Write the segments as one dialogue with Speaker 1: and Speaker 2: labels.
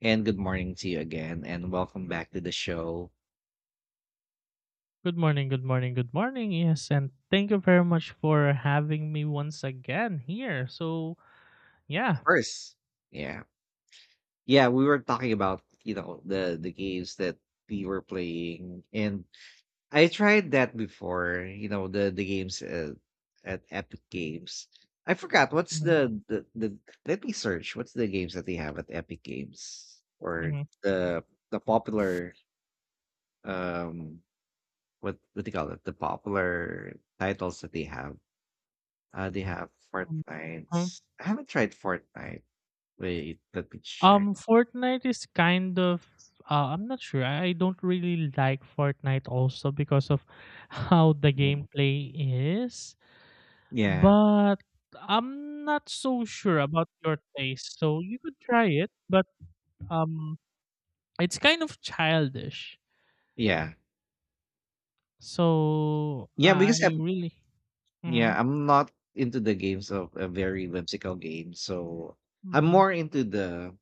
Speaker 1: And good morning to you again, and welcome back to the show.
Speaker 2: Good morning, good morning, good morning. Yes, and thank you very much for having me once again here. Yeah.
Speaker 1: First, yeah, yeah, we were talking about the games that we were playing, and I tried that before. You know the games, at Epic Games. I forgot what's
Speaker 2: Mhm,
Speaker 1: the let me search. What's the games that they have at Epic Games or
Speaker 2: mhm,
Speaker 1: the the popular um what do you call it, the popular titles that they have. They have
Speaker 2: mhm,
Speaker 1: Fortnite.
Speaker 2: mhm.
Speaker 1: I haven't tried Fortnite. Wait, let me check.
Speaker 2: Fortnite is kind of I'm not sure. I don't really like Fortnite also because of how the
Speaker 1: Mm.
Speaker 2: gameplay is,
Speaker 1: Yeah,
Speaker 2: but I'm not so sure about your taste. So, you could try it, but um it's kind of childish.
Speaker 1: yeah,
Speaker 2: So,
Speaker 1: yeah.
Speaker 2: I
Speaker 1: Because I'm
Speaker 2: really Mhm.
Speaker 1: yeah, I'm not into the games of a very whimsical game. So I'm
Speaker 2: Mhm.
Speaker 1: more into the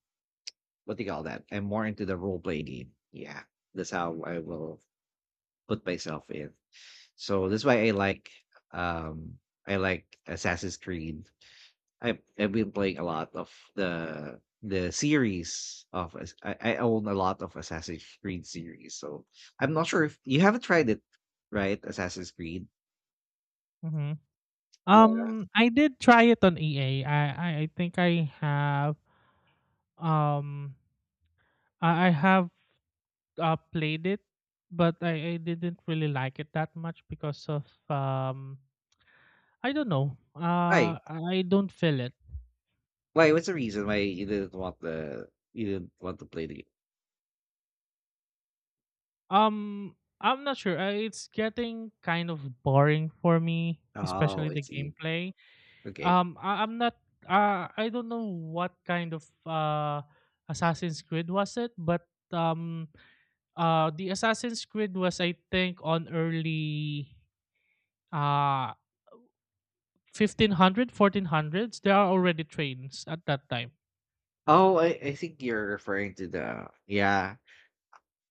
Speaker 1: what do you call that? I'm more into the role play game. Yeah, that's how I will put myself in. So that's why um I like Assassin's Creed. I've been playing a lot of the series of I own a lot of Assassin's Creed series, so I'm not sure if you haven't tried it, right? Assassin's Creed.
Speaker 2: Mhm.
Speaker 1: Yeah.
Speaker 2: I did try it on EA. I think I have um I have played it, but I didn't really like it that much because of I don't know.
Speaker 1: Why?
Speaker 2: I don't feel it.
Speaker 1: Why? What's the reason why you didn't want to play the game?
Speaker 2: I'm not sure. It's getting kind of boring for me, especially
Speaker 1: Oh, I
Speaker 2: the
Speaker 1: see.
Speaker 2: gameplay.
Speaker 1: Okay.
Speaker 2: I'm not. I don't know what kind of Assassin's Creed was it, but um the Assassin's Creed was I think on early uh 1500, fourteen hundreds. There are already trains at that time.
Speaker 1: Oh, I think you're referring to the, yeah,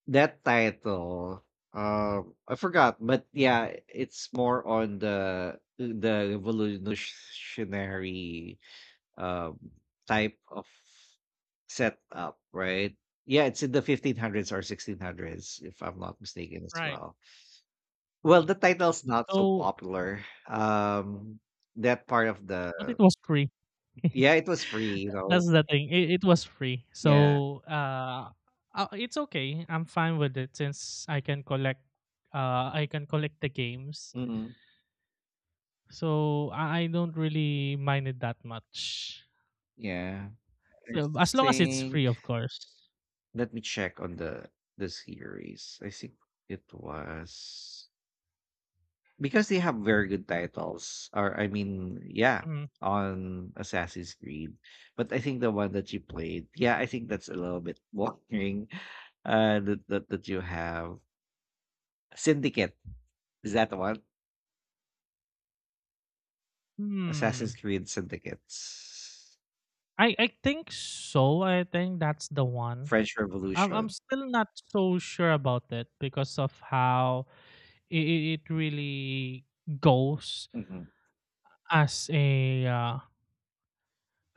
Speaker 1: that title. I forgot, but yeah, it's more on the revolutionary, uh, type of setup, right? Yeah, it's in the 1500s or 1600s, if I'm not mistaken as
Speaker 2: Right.
Speaker 1: well. Well, the title's not so
Speaker 2: So
Speaker 1: popular. That part of
Speaker 2: But
Speaker 1: the
Speaker 2: it was free.
Speaker 1: yeah, it was free, you know.
Speaker 2: That's the thing. It was free.
Speaker 1: Yeah,
Speaker 2: So it's okay. I'm fine with it since I can collect the games.
Speaker 1: mm
Speaker 2: So I don't really mind it that much.
Speaker 1: yeah. I
Speaker 2: So as long as it's
Speaker 1: think.
Speaker 2: free, of course.
Speaker 1: Let me check on the series. I think it was. Because they have very good titles, yeah,
Speaker 2: Mhm.
Speaker 1: on Assassin's Creed. But I think the one that you played, yeah, I think that's a little bit boring. That you have Syndicate, is that the one?
Speaker 2: Hmm.
Speaker 1: Assassin's Creed Syndicates,
Speaker 2: I think so. I think that's the one.
Speaker 1: French
Speaker 2: I'm
Speaker 1: Revolution.
Speaker 2: still not so sure about it because of how it, it really goes
Speaker 1: Hmm.
Speaker 2: as a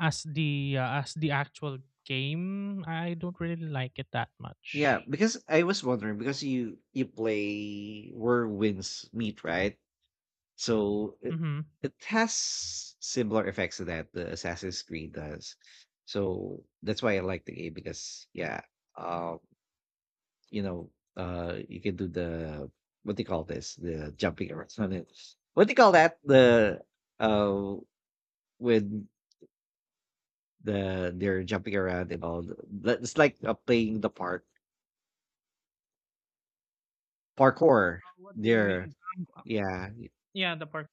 Speaker 2: as the actual game. I don't really like it that
Speaker 1: Yeah,
Speaker 2: much.
Speaker 1: because I was wondering because you play Where Winds Meet, right? So
Speaker 2: Mm-hmm.
Speaker 1: it has similar effects to that, the Assassin's Creed does. So that's why I like the game. Because yeah, um, you know, you can do the what do you call this? The jumping around on it. What do you call that? The uh, when the they're jumping around and all. It's like, playing the part parkour.
Speaker 2: What do you
Speaker 1: They're
Speaker 2: mean?
Speaker 1: yeah,
Speaker 2: Yeah, the parkour.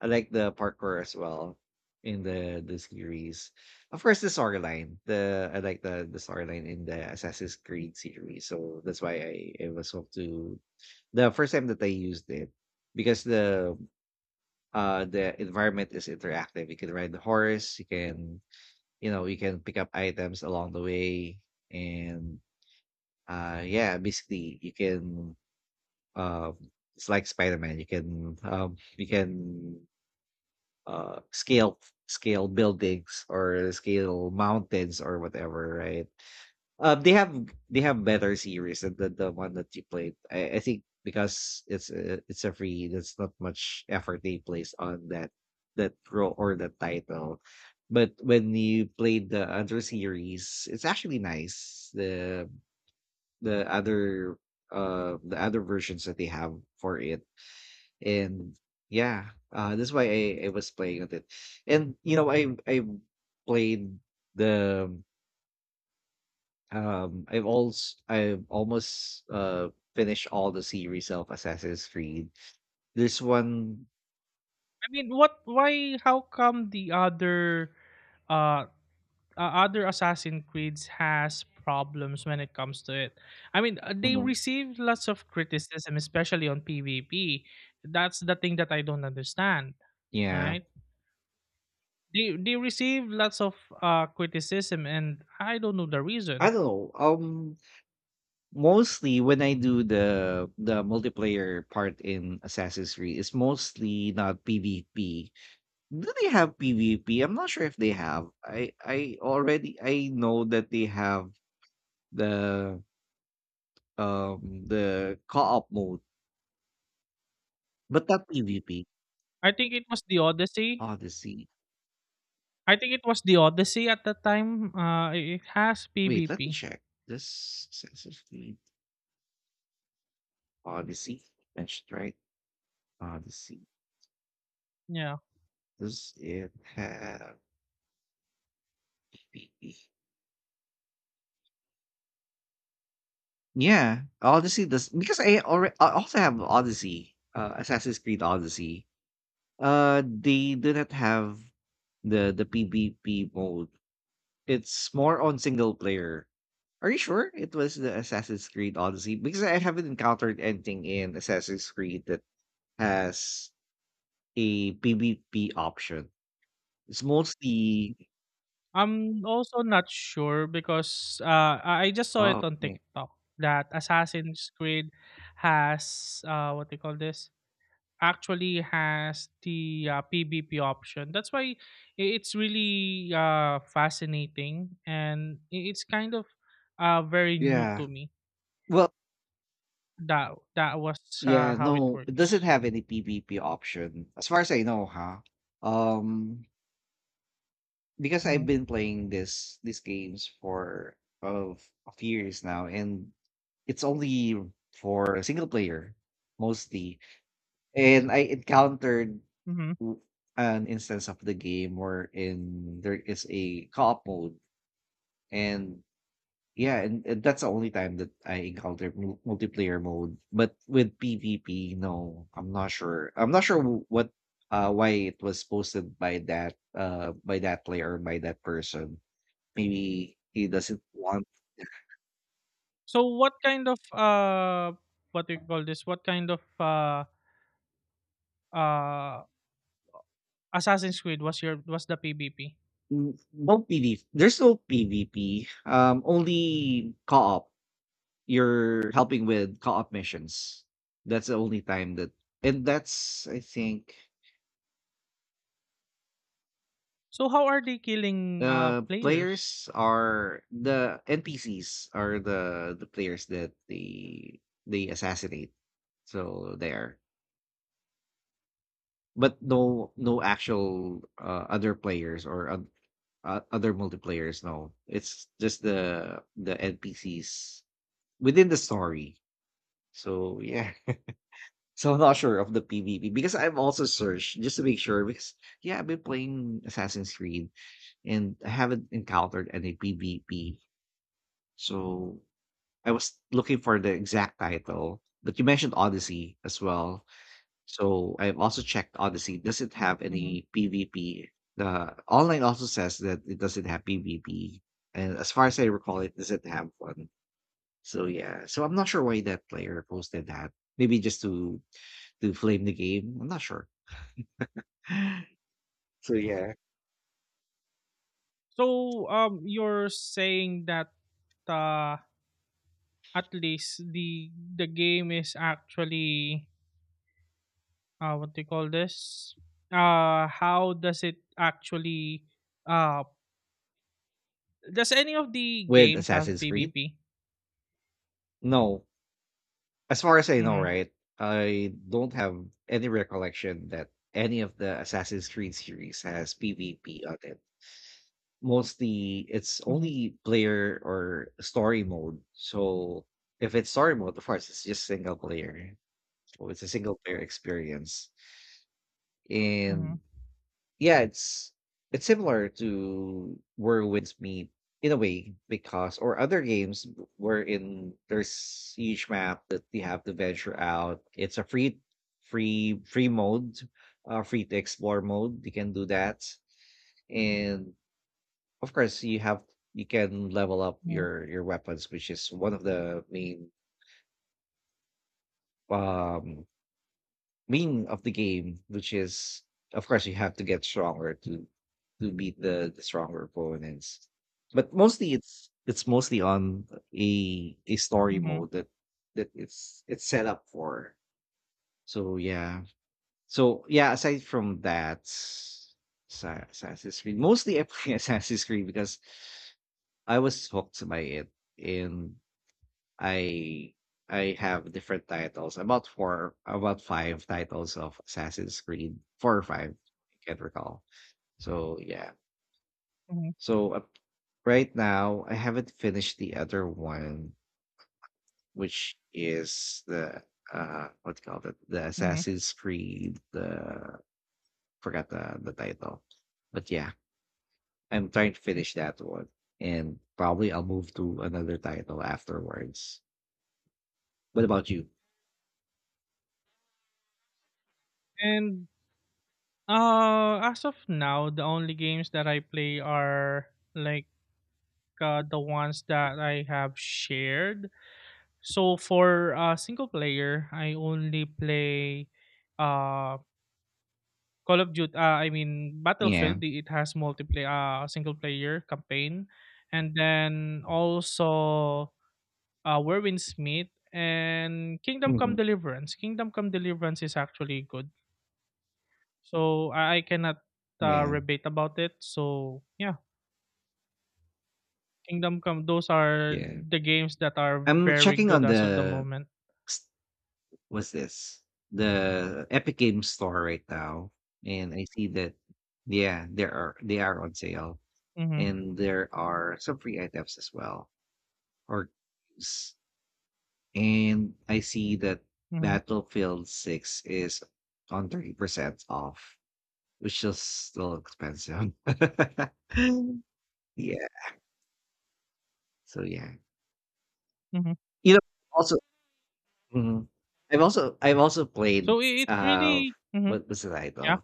Speaker 1: I like the parkour as well in the series. Of course, the storyline. The I like the storyline in the Assassin's Creed series, so that's why I was hooked to the first time that I used it, because the, the environment is interactive. You can ride the horse. You can, you know, you can pick up items along the way, and yeah, basically you can uh it's like Spider Man. You can uh scale scale buildings or scale mountains or whatever, right? um they have they have better series than the one that you played, I think, because it's a free, there's not much effort they place on that role or that title. But when you played the other series, it's actually nice, the other, the other versions that they have for it. And yeah, that's why I was playing with it. And you know, I played the I've almost finished all the series of Assassin's Creed. There's one.
Speaker 2: I mean, what? Why? How come the other uh uh, other Assassin Creeds has problems when it comes to it. I mean, they
Speaker 1: Mhm.
Speaker 2: received lots of criticism, especially on PvP. That's the thing that I don't understand,
Speaker 1: Yeah,
Speaker 2: right? They received lots of criticism, and I don't know the
Speaker 1: I
Speaker 2: reason.
Speaker 1: don't know. Mostly when I do the multiplayer part in Assassin's Creed, it's mostly not PvP. Do they have PvP? I'm not sure if they have, I already I know that they have the, the co-op mode, but not PvP.
Speaker 2: I think it was the Odyssey.
Speaker 1: Odyssey.
Speaker 2: I think it was the Odyssey at the time. It it has
Speaker 1: Wait, let me
Speaker 2: PvP.
Speaker 1: check. This sensitive Odyssey. That's right. Odyssey.
Speaker 2: Yeah.
Speaker 1: Does it have PvP? Yeah, Odyssey does, because I also have Odyssey, Assassin's Creed Odyssey. They do not have the PvP mode. It's more on single player. Are you sure it was the Assassin's Creed Odyssey? Because I haven't encountered anything in Assassin's Creed that has a PvP option. It's mostly
Speaker 2: I'm also not sure because I just saw it
Speaker 1: oh,
Speaker 2: on
Speaker 1: okay.
Speaker 2: TikTok that Assassin's Creed has what they call this actually has the PvP option. That's why it's really fascinating and it's kind of very new to
Speaker 1: Yeah.
Speaker 2: me.
Speaker 1: Well,
Speaker 2: That that was
Speaker 1: yeah,
Speaker 2: How it
Speaker 1: no, it doesn't
Speaker 2: works.
Speaker 1: have any PvP option as far as I know, huh? Um, because
Speaker 2: hmm
Speaker 1: I've been playing this these games for of of years now, and it's only for single player mostly, and I encountered
Speaker 2: hmm
Speaker 1: w- an instance of the game wherein there is a co-op mode, and yeah, and that's the only time that I encountered multiplayer mode. But with PvP, no, I'm not sure. I'm not sure what, why it was posted by that player, by that person. Maybe he doesn't want.
Speaker 2: So what kind of what do you call this? What kind of uh Assassin's Creed was the PVP.
Speaker 1: Mm, no PvP, there's no PvP, only co-op. You're helping with co-op missions. That's the only time that, and that's I think,
Speaker 2: So how are they killing players?
Speaker 1: players are, the NPCs are the players that they assassinate. So there. But no, no actual, other players or other multiplayers. No, it's just the NPCs within the story. So yeah. So I'm not sure of the PvP, because I've also searched just to make sure, because yeah, I've been playing Assassin's Creed and I haven't encountered any PvP. So I was looking for the exact title, but you mentioned Odyssey as well. So I've also checked Odyssey. Does it have
Speaker 2: Mhm.
Speaker 1: any PvP? The online also says that it doesn't have PvP. And as far as I recall, it doesn't have one. So yeah. So I'm not sure why that player posted that. Maybe just to flame the game. I'm not sure. So yeah,
Speaker 2: So you're saying that uh at least the game is actually what do you call this? How does it actually uh does any of the
Speaker 1: with
Speaker 2: games have
Speaker 1: Assassin's Creed?
Speaker 2: PVP?
Speaker 1: No. As far as I know,
Speaker 2: Mhm.
Speaker 1: right? I don't have any recollection that any of the Assassin's Creed series has PvP on it. Mostly it's
Speaker 2: Mhm.
Speaker 1: only player or story mode. So if it's story mode, of course, it's just single player. So it's a single player experience.
Speaker 2: Mhm.
Speaker 1: And yeah, it's similar to Whirlwind's Meet in a way, because or other games wherein there's huge map that you have to venture out. It's a free free mode, free to explore mode. You can do that, and of course you have you can level up
Speaker 2: Mhm.
Speaker 1: your weapons, which is one of the main um meaning of the game, which is, of course, you have to get stronger to beat the stronger opponents. But mostly, it's mostly on a story
Speaker 2: Mhm.
Speaker 1: mode that that it's set up for. So yeah, so yeah. Aside from that, Assassin's Creed. Mostly, I play Assassin's Creed because I was hooked by it, and I I have different titles, about four, about five titles of Assassin's Creed, four or five, I can't recall. So yeah,
Speaker 2: Mhm.
Speaker 1: so right now I haven't finished the other one, which is the, what do you call it, the
Speaker 2: Mhm.
Speaker 1: Assassin's Creed. The forgot the title, but yeah, I'm trying to finish that one, and probably I'll move to another title afterwards. What about you?
Speaker 2: And as of now the only games that I play are like the ones that I have shared. So for single player, I only play uh, Call of Duty. I mean
Speaker 1: Yeah.
Speaker 2: Battlefield. It has multiplayer, single player campaign, and then also Warwind Smith and Kingdom Come
Speaker 1: Mhm.
Speaker 2: Deliverance. Kingdom Come Deliverance is actually good. So I cannot
Speaker 1: Yeah.
Speaker 2: rebate about it. So yeah, Kingdom Come. Those are
Speaker 1: Yeah.
Speaker 2: the games that are
Speaker 1: I'm
Speaker 2: very
Speaker 1: checking
Speaker 2: good
Speaker 1: on
Speaker 2: as of the
Speaker 1: the
Speaker 2: moment.
Speaker 1: s- what's this? The Epic Games store right now, and I see that yeah, there are they are on sale,
Speaker 2: Mhm,
Speaker 1: and there are some free items as well, or s- and I see that
Speaker 2: mhm,
Speaker 1: Battlefield 6 is on 30% off, which is still expensive. Yeah, so yeah,
Speaker 2: mhm.
Speaker 1: you know, also mhm. I've also played,
Speaker 2: So I it's
Speaker 1: uh
Speaker 2: really
Speaker 1: what was the
Speaker 2: yeah,
Speaker 1: title?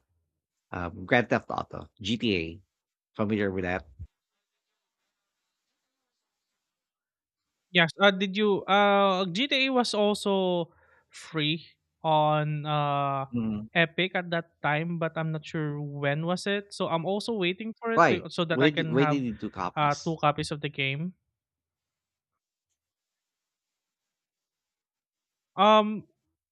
Speaker 1: Grand Theft Auto, GTA. Familiar with that?
Speaker 2: yes. Did you GTA was also free on
Speaker 1: Mm.
Speaker 2: Epic at that time, but I'm not sure when was it. So I'm also waiting for it to,
Speaker 1: Why?
Speaker 2: so that I can
Speaker 1: Why
Speaker 2: have
Speaker 1: did you do
Speaker 2: two
Speaker 1: copies?
Speaker 2: copies of the game. Um,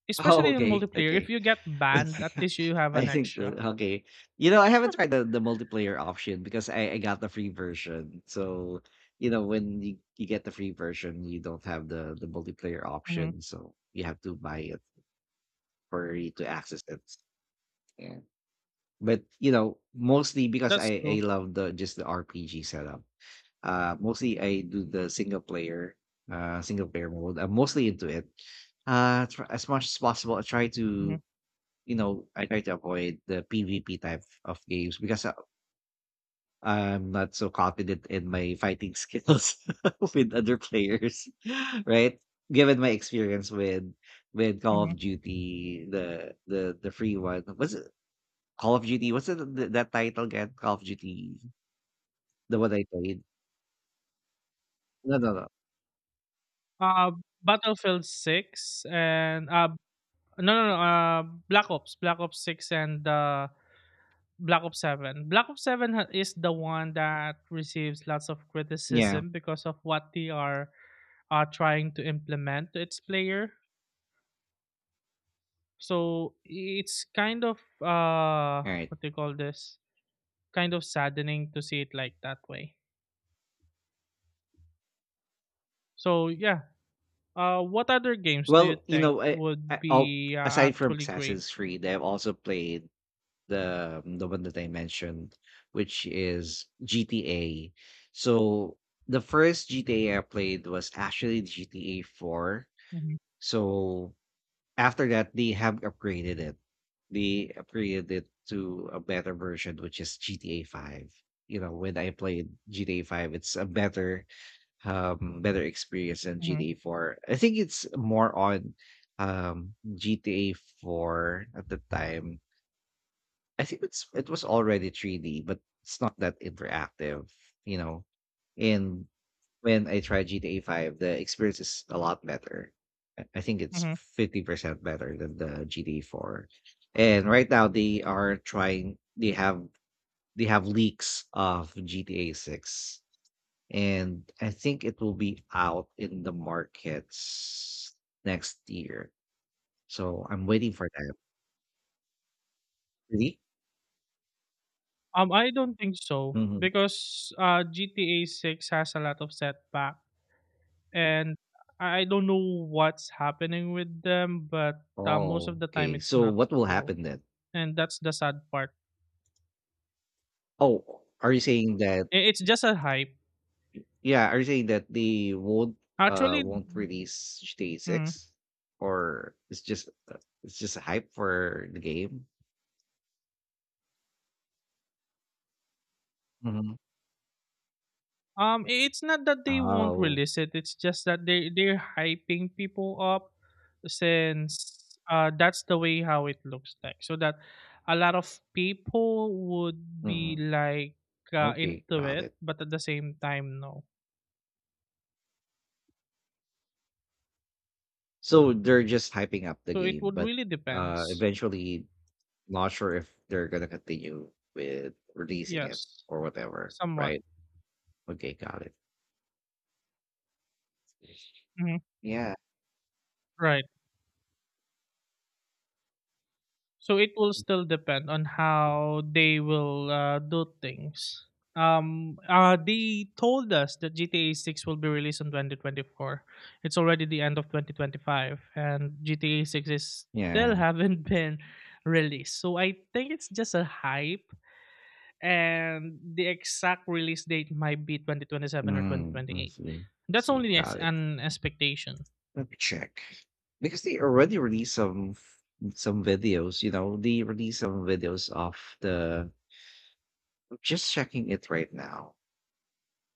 Speaker 2: Especially
Speaker 1: Oh,
Speaker 2: in
Speaker 1: okay,
Speaker 2: multiplayer, if
Speaker 1: okay.
Speaker 2: you get banned, at least you have
Speaker 1: I
Speaker 2: an
Speaker 1: think
Speaker 2: extra.
Speaker 1: okay. You know, I haven't tried the multiplayer option, because I got the free version. So, you know, when you get the free version, you don't have the multiplayer
Speaker 2: Mhm,
Speaker 1: option, so you have to buy it for you to access it. Yeah. But you know, mostly because
Speaker 2: That's
Speaker 1: I
Speaker 2: true.
Speaker 1: love the just the RPG setup. Mostly I do the single player mode. I'm mostly into it. As much as possible, I try
Speaker 2: Mhm,
Speaker 1: to, you know, I try to avoid the PvP type of games, because I'm not so confident in my fighting skills with other players, right? Given my experience with Call
Speaker 2: mhm.
Speaker 1: of Duty, the free one, was it Call of Duty? What's it, that title again? Call of Duty, the one I played. No, no, no.
Speaker 2: Uh, Battlefield Six and no, no, no, Black Ops, Black Ops 6 and, Black Ops 7. Black Ops 7 ha is the one that receives lots of
Speaker 1: Yeah.
Speaker 2: criticism because of what are trying to implement to its player. So, it's kind of,
Speaker 1: All right.
Speaker 2: what do you call this? kind of saddening to see it like that way. So, yeah, what other games do you
Speaker 1: Well, you
Speaker 2: think
Speaker 1: know,
Speaker 2: would
Speaker 1: I I'll,
Speaker 2: be,
Speaker 1: aside from
Speaker 2: actually great?
Speaker 1: Assassin's Creed, I've also played the, the one that I mentioned, which is GTA. So the first GTA I played was actually GTA 4.
Speaker 2: Mhm,
Speaker 1: So after that, they have upgraded it. They upgraded it to a better version, which is GTA 5. You know, when I played GTA 5, it's a better better experience than
Speaker 2: mhm,
Speaker 1: GTA 4. I think it's more on GTA 4 at the time. I think it was already 3D, but it's not that interactive. You know. And when I tried GTA 5, the experience is a lot better. I think it's
Speaker 2: mhm.
Speaker 1: 50% better than the GTA 4. And right now they are trying they have leaks of GTA 6, and I think it will be out in the markets next year. So I'm waiting for that. Really?
Speaker 2: I don't think so
Speaker 1: Hmm.
Speaker 2: because, GTA six has a lot of setback, and I don't know what's happening with them, but, most
Speaker 1: Oh,
Speaker 2: of the time
Speaker 1: okay.
Speaker 2: it's
Speaker 1: So
Speaker 2: not
Speaker 1: what will
Speaker 2: true,
Speaker 1: happen then?
Speaker 2: and that's the sad part.
Speaker 1: Oh, are you saying that?
Speaker 2: I It's just a hype.
Speaker 1: Yeah, are you saying that they
Speaker 2: Actually
Speaker 1: won't release GTA
Speaker 2: Mm.
Speaker 1: six, or it's just a hype for the game? Hmm.
Speaker 2: It's not that they won't
Speaker 1: Oh.
Speaker 2: release it. It's just that they're hyping people up since that's the way how it looks like. So that a lot of people would be
Speaker 1: Mhm.
Speaker 2: like
Speaker 1: Okay,
Speaker 2: into
Speaker 1: got
Speaker 2: it,
Speaker 1: it.
Speaker 2: but at the same time, no.
Speaker 1: So they're just hyping up the
Speaker 2: So it
Speaker 1: game,
Speaker 2: would
Speaker 1: but
Speaker 2: really depends.
Speaker 1: eventually, not sure if they're gonna continue with releasing it
Speaker 2: Yes,
Speaker 1: or whatever,
Speaker 2: somewhat.
Speaker 1: right? Okay, got it.
Speaker 2: Mhm.
Speaker 1: Yeah,
Speaker 2: Right. So it will still depend on how they will do things. They told us that GTA 6 will be released in 2024. It's already the end of 2025, and GTA 6 is still
Speaker 1: yeah.
Speaker 2: haven't been released. So I think it's just a hype, and the exact release date might be 2027 or
Speaker 1: Mm, I
Speaker 2: 2028.
Speaker 1: see.
Speaker 2: That's
Speaker 1: See,
Speaker 2: only as
Speaker 1: got it.
Speaker 2: an expectation,
Speaker 1: Let me check. Because they already released some videos. They released some videos of the... I'm just checking it right now.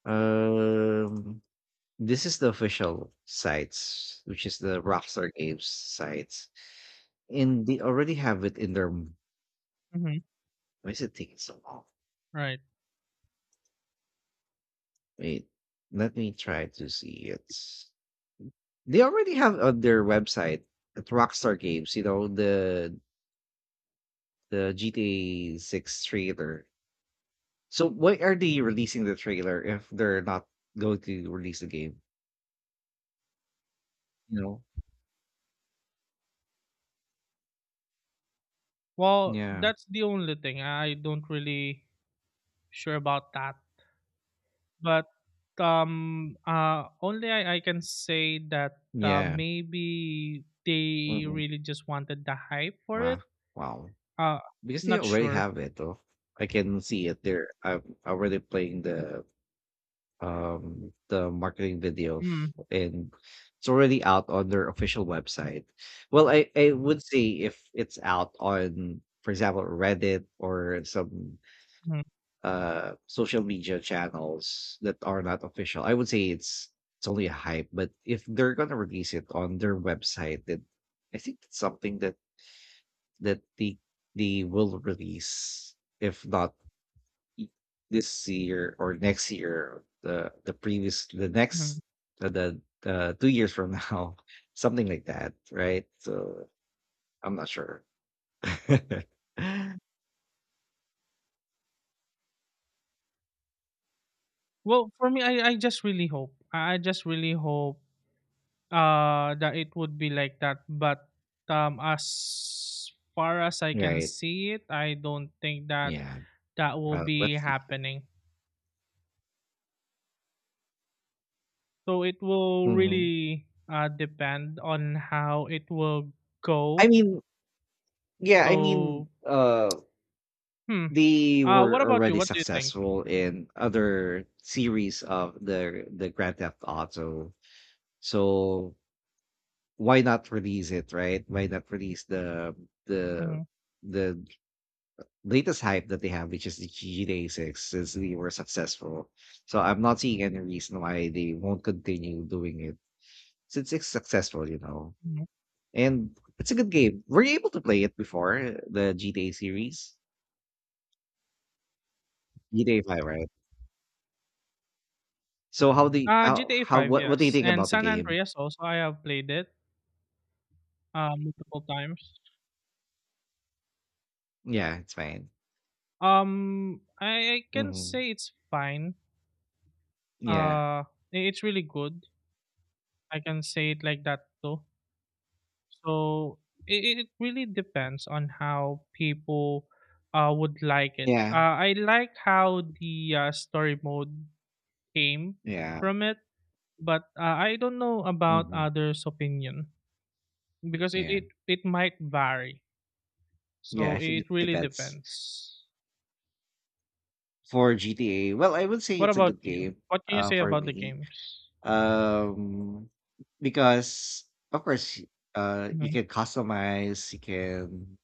Speaker 1: Um this is the official sites, which is the Rockstar Games sites. And they already have it in their... why
Speaker 2: hmm
Speaker 1: is it taking so long?
Speaker 2: right?
Speaker 1: Wait, let me try to see it. They already have on their website at Rockstar Games, you know, the GTA six trailer. So why are they releasing the trailer if they're not going to release the game? You know?
Speaker 2: Well,
Speaker 1: Yeah.
Speaker 2: that's the only thing. I don't really sure about that. But I can say that
Speaker 1: Yeah.
Speaker 2: maybe they
Speaker 1: Hmm.
Speaker 2: really just wanted the hype for it.
Speaker 1: Wow. Wow.
Speaker 2: Uh,
Speaker 1: Because they
Speaker 2: Not
Speaker 1: already
Speaker 2: sure.
Speaker 1: have it though. I can see it there. I'm already playing the marketing video
Speaker 2: Mm-hmm.
Speaker 1: f- and it's already out on their official website. Well, I would say if it's out on, for example, Reddit or some social media channels that are not official, I would say it's only a hype. But if they're gonna release it on their website, then I think it's something that that they they will release, if not y- this year or next year, the previous, the
Speaker 2: Mm-hmm.
Speaker 1: next, the 2 years from now. Something like that, right? So I'm not sure.
Speaker 2: Well, for me, I just really hope. I just really hope that it would be like that. But as far as I can
Speaker 1: Right.
Speaker 2: see it, I don't think that
Speaker 1: Yeah.
Speaker 2: that will be
Speaker 1: Let's see.
Speaker 2: happening. So it will
Speaker 1: Hmm.
Speaker 2: really depend on how it will
Speaker 1: i
Speaker 2: go.
Speaker 1: mean yeah,
Speaker 2: So, hmm.
Speaker 1: they
Speaker 2: What
Speaker 1: were
Speaker 2: about you?
Speaker 1: already
Speaker 2: What do you think?
Speaker 1: successful in other series of the Grand Theft Auto. So why not release it, right? Why not release the
Speaker 2: hmm
Speaker 1: the latest hype that they have, which is the GTA 6, since they were successful. So I'm not seeing any reason why they won't continue doing it, since it's successful, you know.
Speaker 2: hmm
Speaker 1: And it's a good game. Were you able to play it before the GTA series? GTA 5, right? So
Speaker 2: GTA
Speaker 1: how
Speaker 2: 5,
Speaker 1: what do you
Speaker 2: yes.
Speaker 1: think
Speaker 2: And
Speaker 1: about the
Speaker 2: San
Speaker 1: game?
Speaker 2: Andreas also, I have played it multiple times.
Speaker 1: Yeah, it's fine.
Speaker 2: I can
Speaker 1: Hmm.
Speaker 2: say it's fine.
Speaker 1: Yeah,
Speaker 2: Uh, i- it's really good. I can say it like that too. So it really depends on how people would like it.
Speaker 1: yeah,
Speaker 2: I like how the story mode came
Speaker 1: yeah.
Speaker 2: from it, but I don't know about
Speaker 1: Hmm.
Speaker 2: others' opinion because
Speaker 1: Yeah,
Speaker 2: it might vary.
Speaker 1: yeah. I
Speaker 2: So
Speaker 1: think it
Speaker 2: it really
Speaker 1: depends
Speaker 2: depends.
Speaker 1: for GTA. Well, I would say
Speaker 2: What
Speaker 1: it's a
Speaker 2: about
Speaker 1: good
Speaker 2: you?
Speaker 1: game.
Speaker 2: What can you say
Speaker 1: For
Speaker 2: about the
Speaker 1: me,
Speaker 2: games?
Speaker 1: um because, of course, you
Speaker 2: Mhm,
Speaker 1: can customize. You can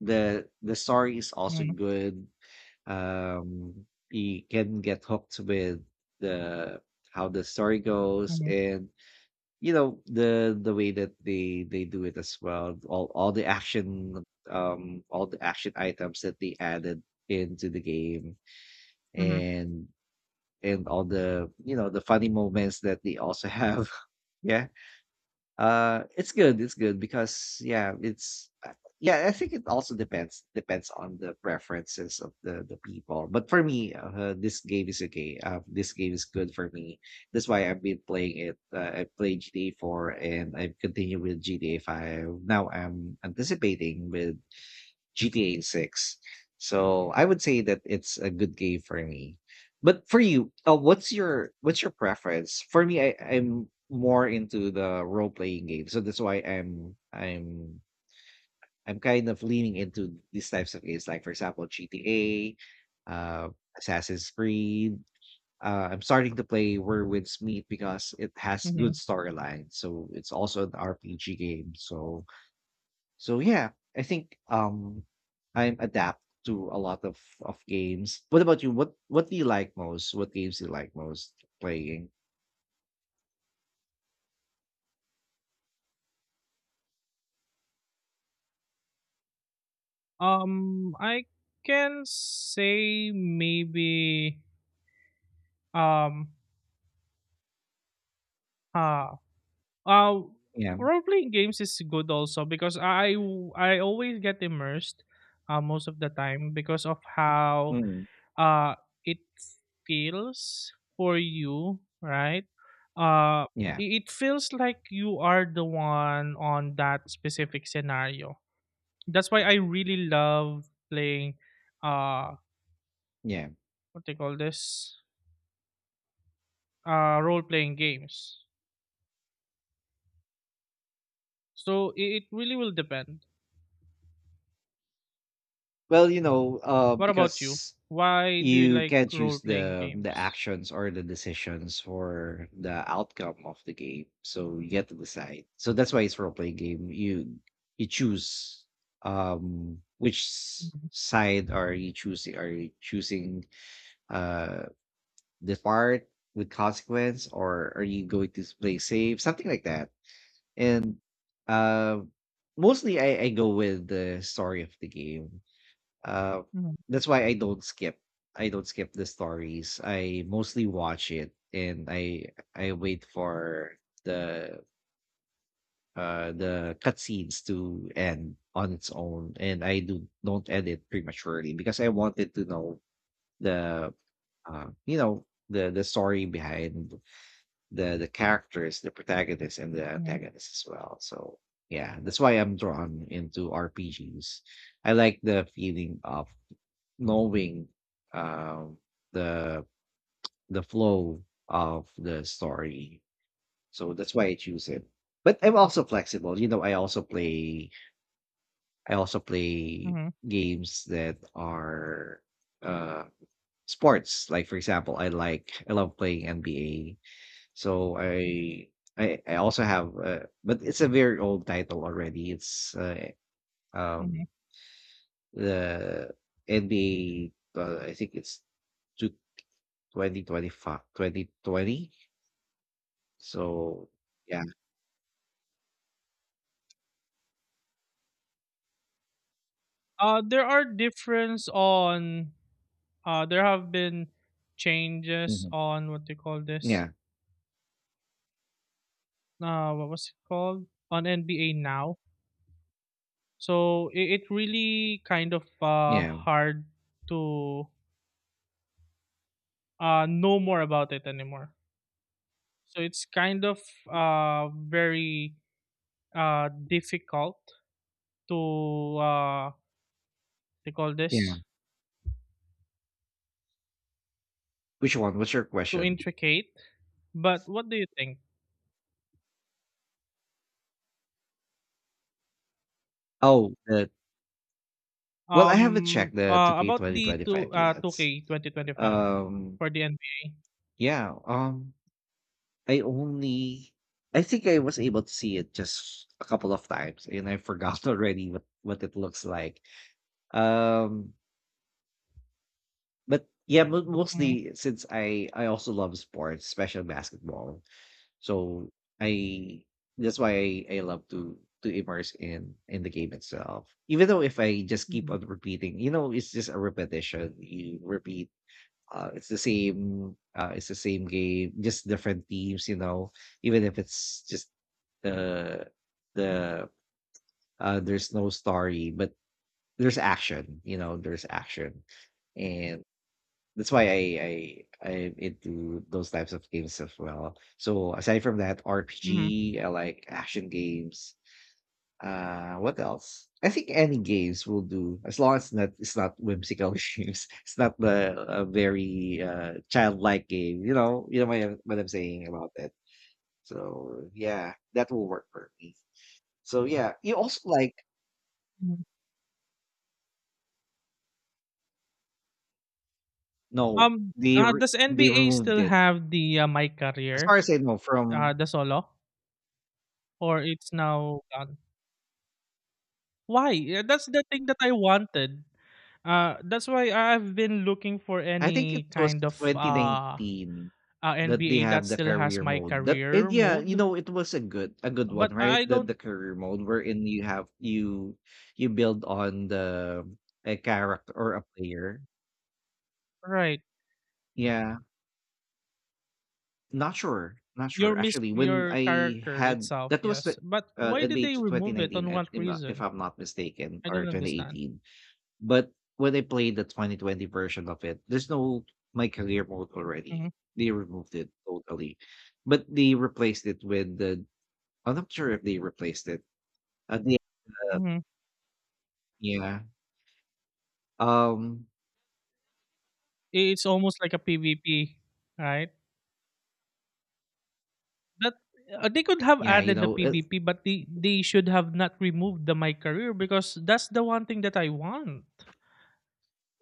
Speaker 1: The story is also
Speaker 2: mhm,
Speaker 1: good. You can get hooked with the how the story goes,
Speaker 2: mhm,
Speaker 1: and you know the way that they do it as well. All the action, all the action items that they added into the game,
Speaker 2: mhm,
Speaker 1: and all the the funny moments that they also have. Yeah. It's good. It's good because yeah, it's yeah. I think it also depends on the preferences of the people. But for me, this game is okay. This game is good for me. That's why I've been playing it. I played GTA Four, and I've continued with GTA Five. Now I'm anticipating with GTA 6. So I would say that it's a good game for me. But for you, what's your preference? For me, I'm more into the role playing game, so that's why I'm kind of leaning into these types of games, like, for example, GTA, uh, Assassin's Creed. I'm starting to play Where Winds Meet because it has good
Speaker 2: mhm.
Speaker 1: storyline, so it's also an RPG game. So yeah, I think I'm adapt to a lot of games. What about you? What do you like most? What games do you like most playing?
Speaker 2: I can say maybe um, uh, Uh,
Speaker 1: Yeah.
Speaker 2: role playing games is good also because I always get immersed most of the time because of how
Speaker 1: Mm.
Speaker 2: uh it feels for you, right? Uh,
Speaker 1: Yeah.
Speaker 2: it feels like you are the one on that specific scenario. That's why I really love playing uh
Speaker 1: Yeah.
Speaker 2: what they call this role playing games. So it really will depend.
Speaker 1: Well,
Speaker 2: What
Speaker 1: because
Speaker 2: about you? Why do you
Speaker 1: you
Speaker 2: like
Speaker 1: can not choose
Speaker 2: role-playing
Speaker 1: the
Speaker 2: games?
Speaker 1: actions or the decisions for the outcome of the game. So you get to decide. So that's why it's role playing game. You choose, which
Speaker 2: Mhm,
Speaker 1: side are you choosing? Are you choosing, uh depart with consequence, or are you going to play safe, something like that? And uh, mostly, I go with the story of the game. uh,
Speaker 2: mhm,
Speaker 1: that's why I don't skip the stories. I mostly watch it, and I wait for the the cutscenes to end on its own, and I do don't edit prematurely, because I wanted to know the the story behind the characters, the protagonists, and the
Speaker 2: mhm,
Speaker 1: antagonists as well. So yeah, that's why I'm drawn into RPGs. I like the feeling of knowing, um, the flow of the story. So that's why I choose it. But I'm also flexible. You know, I also play, I also play
Speaker 2: mhm,
Speaker 1: games that are uh sports. Like, for example, I love playing NBA, so I also have, but it's a very old title already. It's,
Speaker 2: mhm.
Speaker 1: um the NBA, I think it's two 2025, 2020. So yeah.
Speaker 2: There are difference on there have been changes
Speaker 1: Mhm.
Speaker 2: on
Speaker 1: Yeah.
Speaker 2: what was it called on NBA now. So it really kind of
Speaker 1: Yeah.
Speaker 2: hard to know more about it anymore. So it's kind of very difficult to they call
Speaker 1: Yeah.
Speaker 2: this
Speaker 1: Which one? What's your
Speaker 2: too
Speaker 1: question?
Speaker 2: intricate, but what do you think?
Speaker 1: Oh, the well, I haven't checked the 2K
Speaker 2: About the two
Speaker 1: 2025 yet.
Speaker 2: 2K 2025
Speaker 1: Um
Speaker 2: for the NBA.
Speaker 1: yeah, I only I think I was able to see it just a couple of times, and I forgot already what it looks like. Um but yeah,
Speaker 2: Mhm,
Speaker 1: mostly, since I also love sports, especially basketball. So I That's why I love to immerse in the game itself. Even though if I just keep
Speaker 2: mhm,
Speaker 1: on repeating, it's just a repetition. You repeat, it's the same, game, just different teams. Even if it's just, the the there's no story, but there's action. You know, there's action. And that's why I'm into those types of games as well. So aside from that
Speaker 2: mhm,
Speaker 1: RPG, I like action games. What else? I think any games will do, as long as not it's not whimsical games. It's not the A very childlike game. You know, what I'm saying about that. So yeah, that will work for me. So yeah, you also like...
Speaker 2: mhm.
Speaker 1: No,
Speaker 2: Does
Speaker 1: they
Speaker 2: NBA
Speaker 1: removed
Speaker 2: still
Speaker 1: it.
Speaker 2: have the My
Speaker 1: As
Speaker 2: Career,
Speaker 1: far as I know, from...
Speaker 2: the solo, or it's now gone? Why? Yeah, that's the thing that I wanted. That's why I've been looking for
Speaker 1: I think it
Speaker 2: any
Speaker 1: was
Speaker 2: kind of
Speaker 1: 2019 that they
Speaker 2: NBA that
Speaker 1: have the
Speaker 2: still has
Speaker 1: career
Speaker 2: My
Speaker 1: mode. That and
Speaker 2: Career
Speaker 1: Yeah, you
Speaker 2: mode,
Speaker 1: know, it was a good one,
Speaker 2: but
Speaker 1: right?
Speaker 2: I
Speaker 1: The
Speaker 2: don't.
Speaker 1: the career mode, wherein you have, you build on the a character or a player.
Speaker 2: Right.
Speaker 1: Yeah. Not sure. Not
Speaker 2: Your
Speaker 1: sure.
Speaker 2: miss
Speaker 1: Actually, when
Speaker 2: your
Speaker 1: I
Speaker 2: character
Speaker 1: had,
Speaker 2: itself,
Speaker 1: that was
Speaker 2: yes.
Speaker 1: the
Speaker 2: But why did
Speaker 1: NBA
Speaker 2: they
Speaker 1: to
Speaker 2: remove it?
Speaker 1: 2019,
Speaker 2: On what
Speaker 1: if not, if
Speaker 2: reason?
Speaker 1: I'm not mistaken,
Speaker 2: I don't
Speaker 1: or
Speaker 2: understand.
Speaker 1: 2018. But when I played the 2020 version of it, there's no my career mode
Speaker 2: Mhm,
Speaker 1: already. They removed it totally, but they replaced it with the... I'm not sure if they replaced it. Uh, they-
Speaker 2: mhm.
Speaker 1: yeah. Um.
Speaker 2: It's almost like a PvP, right? That they could have
Speaker 1: Yeah. You
Speaker 2: added the
Speaker 1: know. It...
Speaker 2: PvP, but they should have not removed the my career because that's the one thing that I want.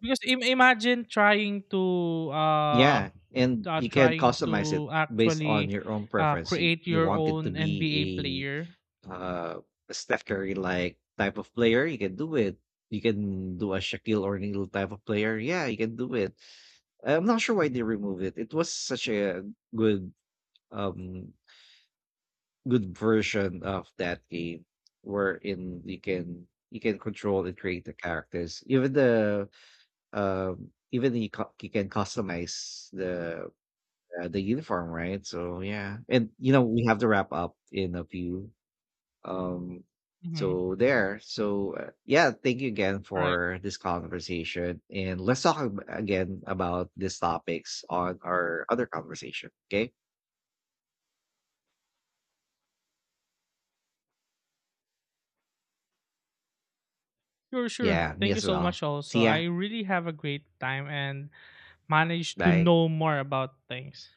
Speaker 2: Because imagine trying to uh,
Speaker 1: yeah, and you can
Speaker 2: trying
Speaker 1: customize it
Speaker 2: to
Speaker 1: based on
Speaker 2: actually
Speaker 1: your own preference. You,
Speaker 2: create
Speaker 1: you
Speaker 2: your
Speaker 1: want it to
Speaker 2: own NBA
Speaker 1: be,
Speaker 2: player.
Speaker 1: uh Steph Curry like type of player, you can do it. You can do a Shaquille O'Neal type of player. Yeah, you can do it. I'm not sure why they removed it. It was such a good, um good version of that game, wherein you can control and create the characters. Even the even you, you can customize the uniform, right? So yeah, and you know, we have to wrap up in a few, um
Speaker 2: hmm
Speaker 1: so there. Yeah, thank you again
Speaker 2: Right.
Speaker 1: for this conversation, and let's talk again about these topics on our other conversation, okay?
Speaker 2: Sure, sure.
Speaker 1: Yeah, me
Speaker 2: Thank you
Speaker 1: as
Speaker 2: so
Speaker 1: well.
Speaker 2: much also.
Speaker 1: See ya.
Speaker 2: I really have a great time and managed to
Speaker 1: Bye.
Speaker 2: know more about things.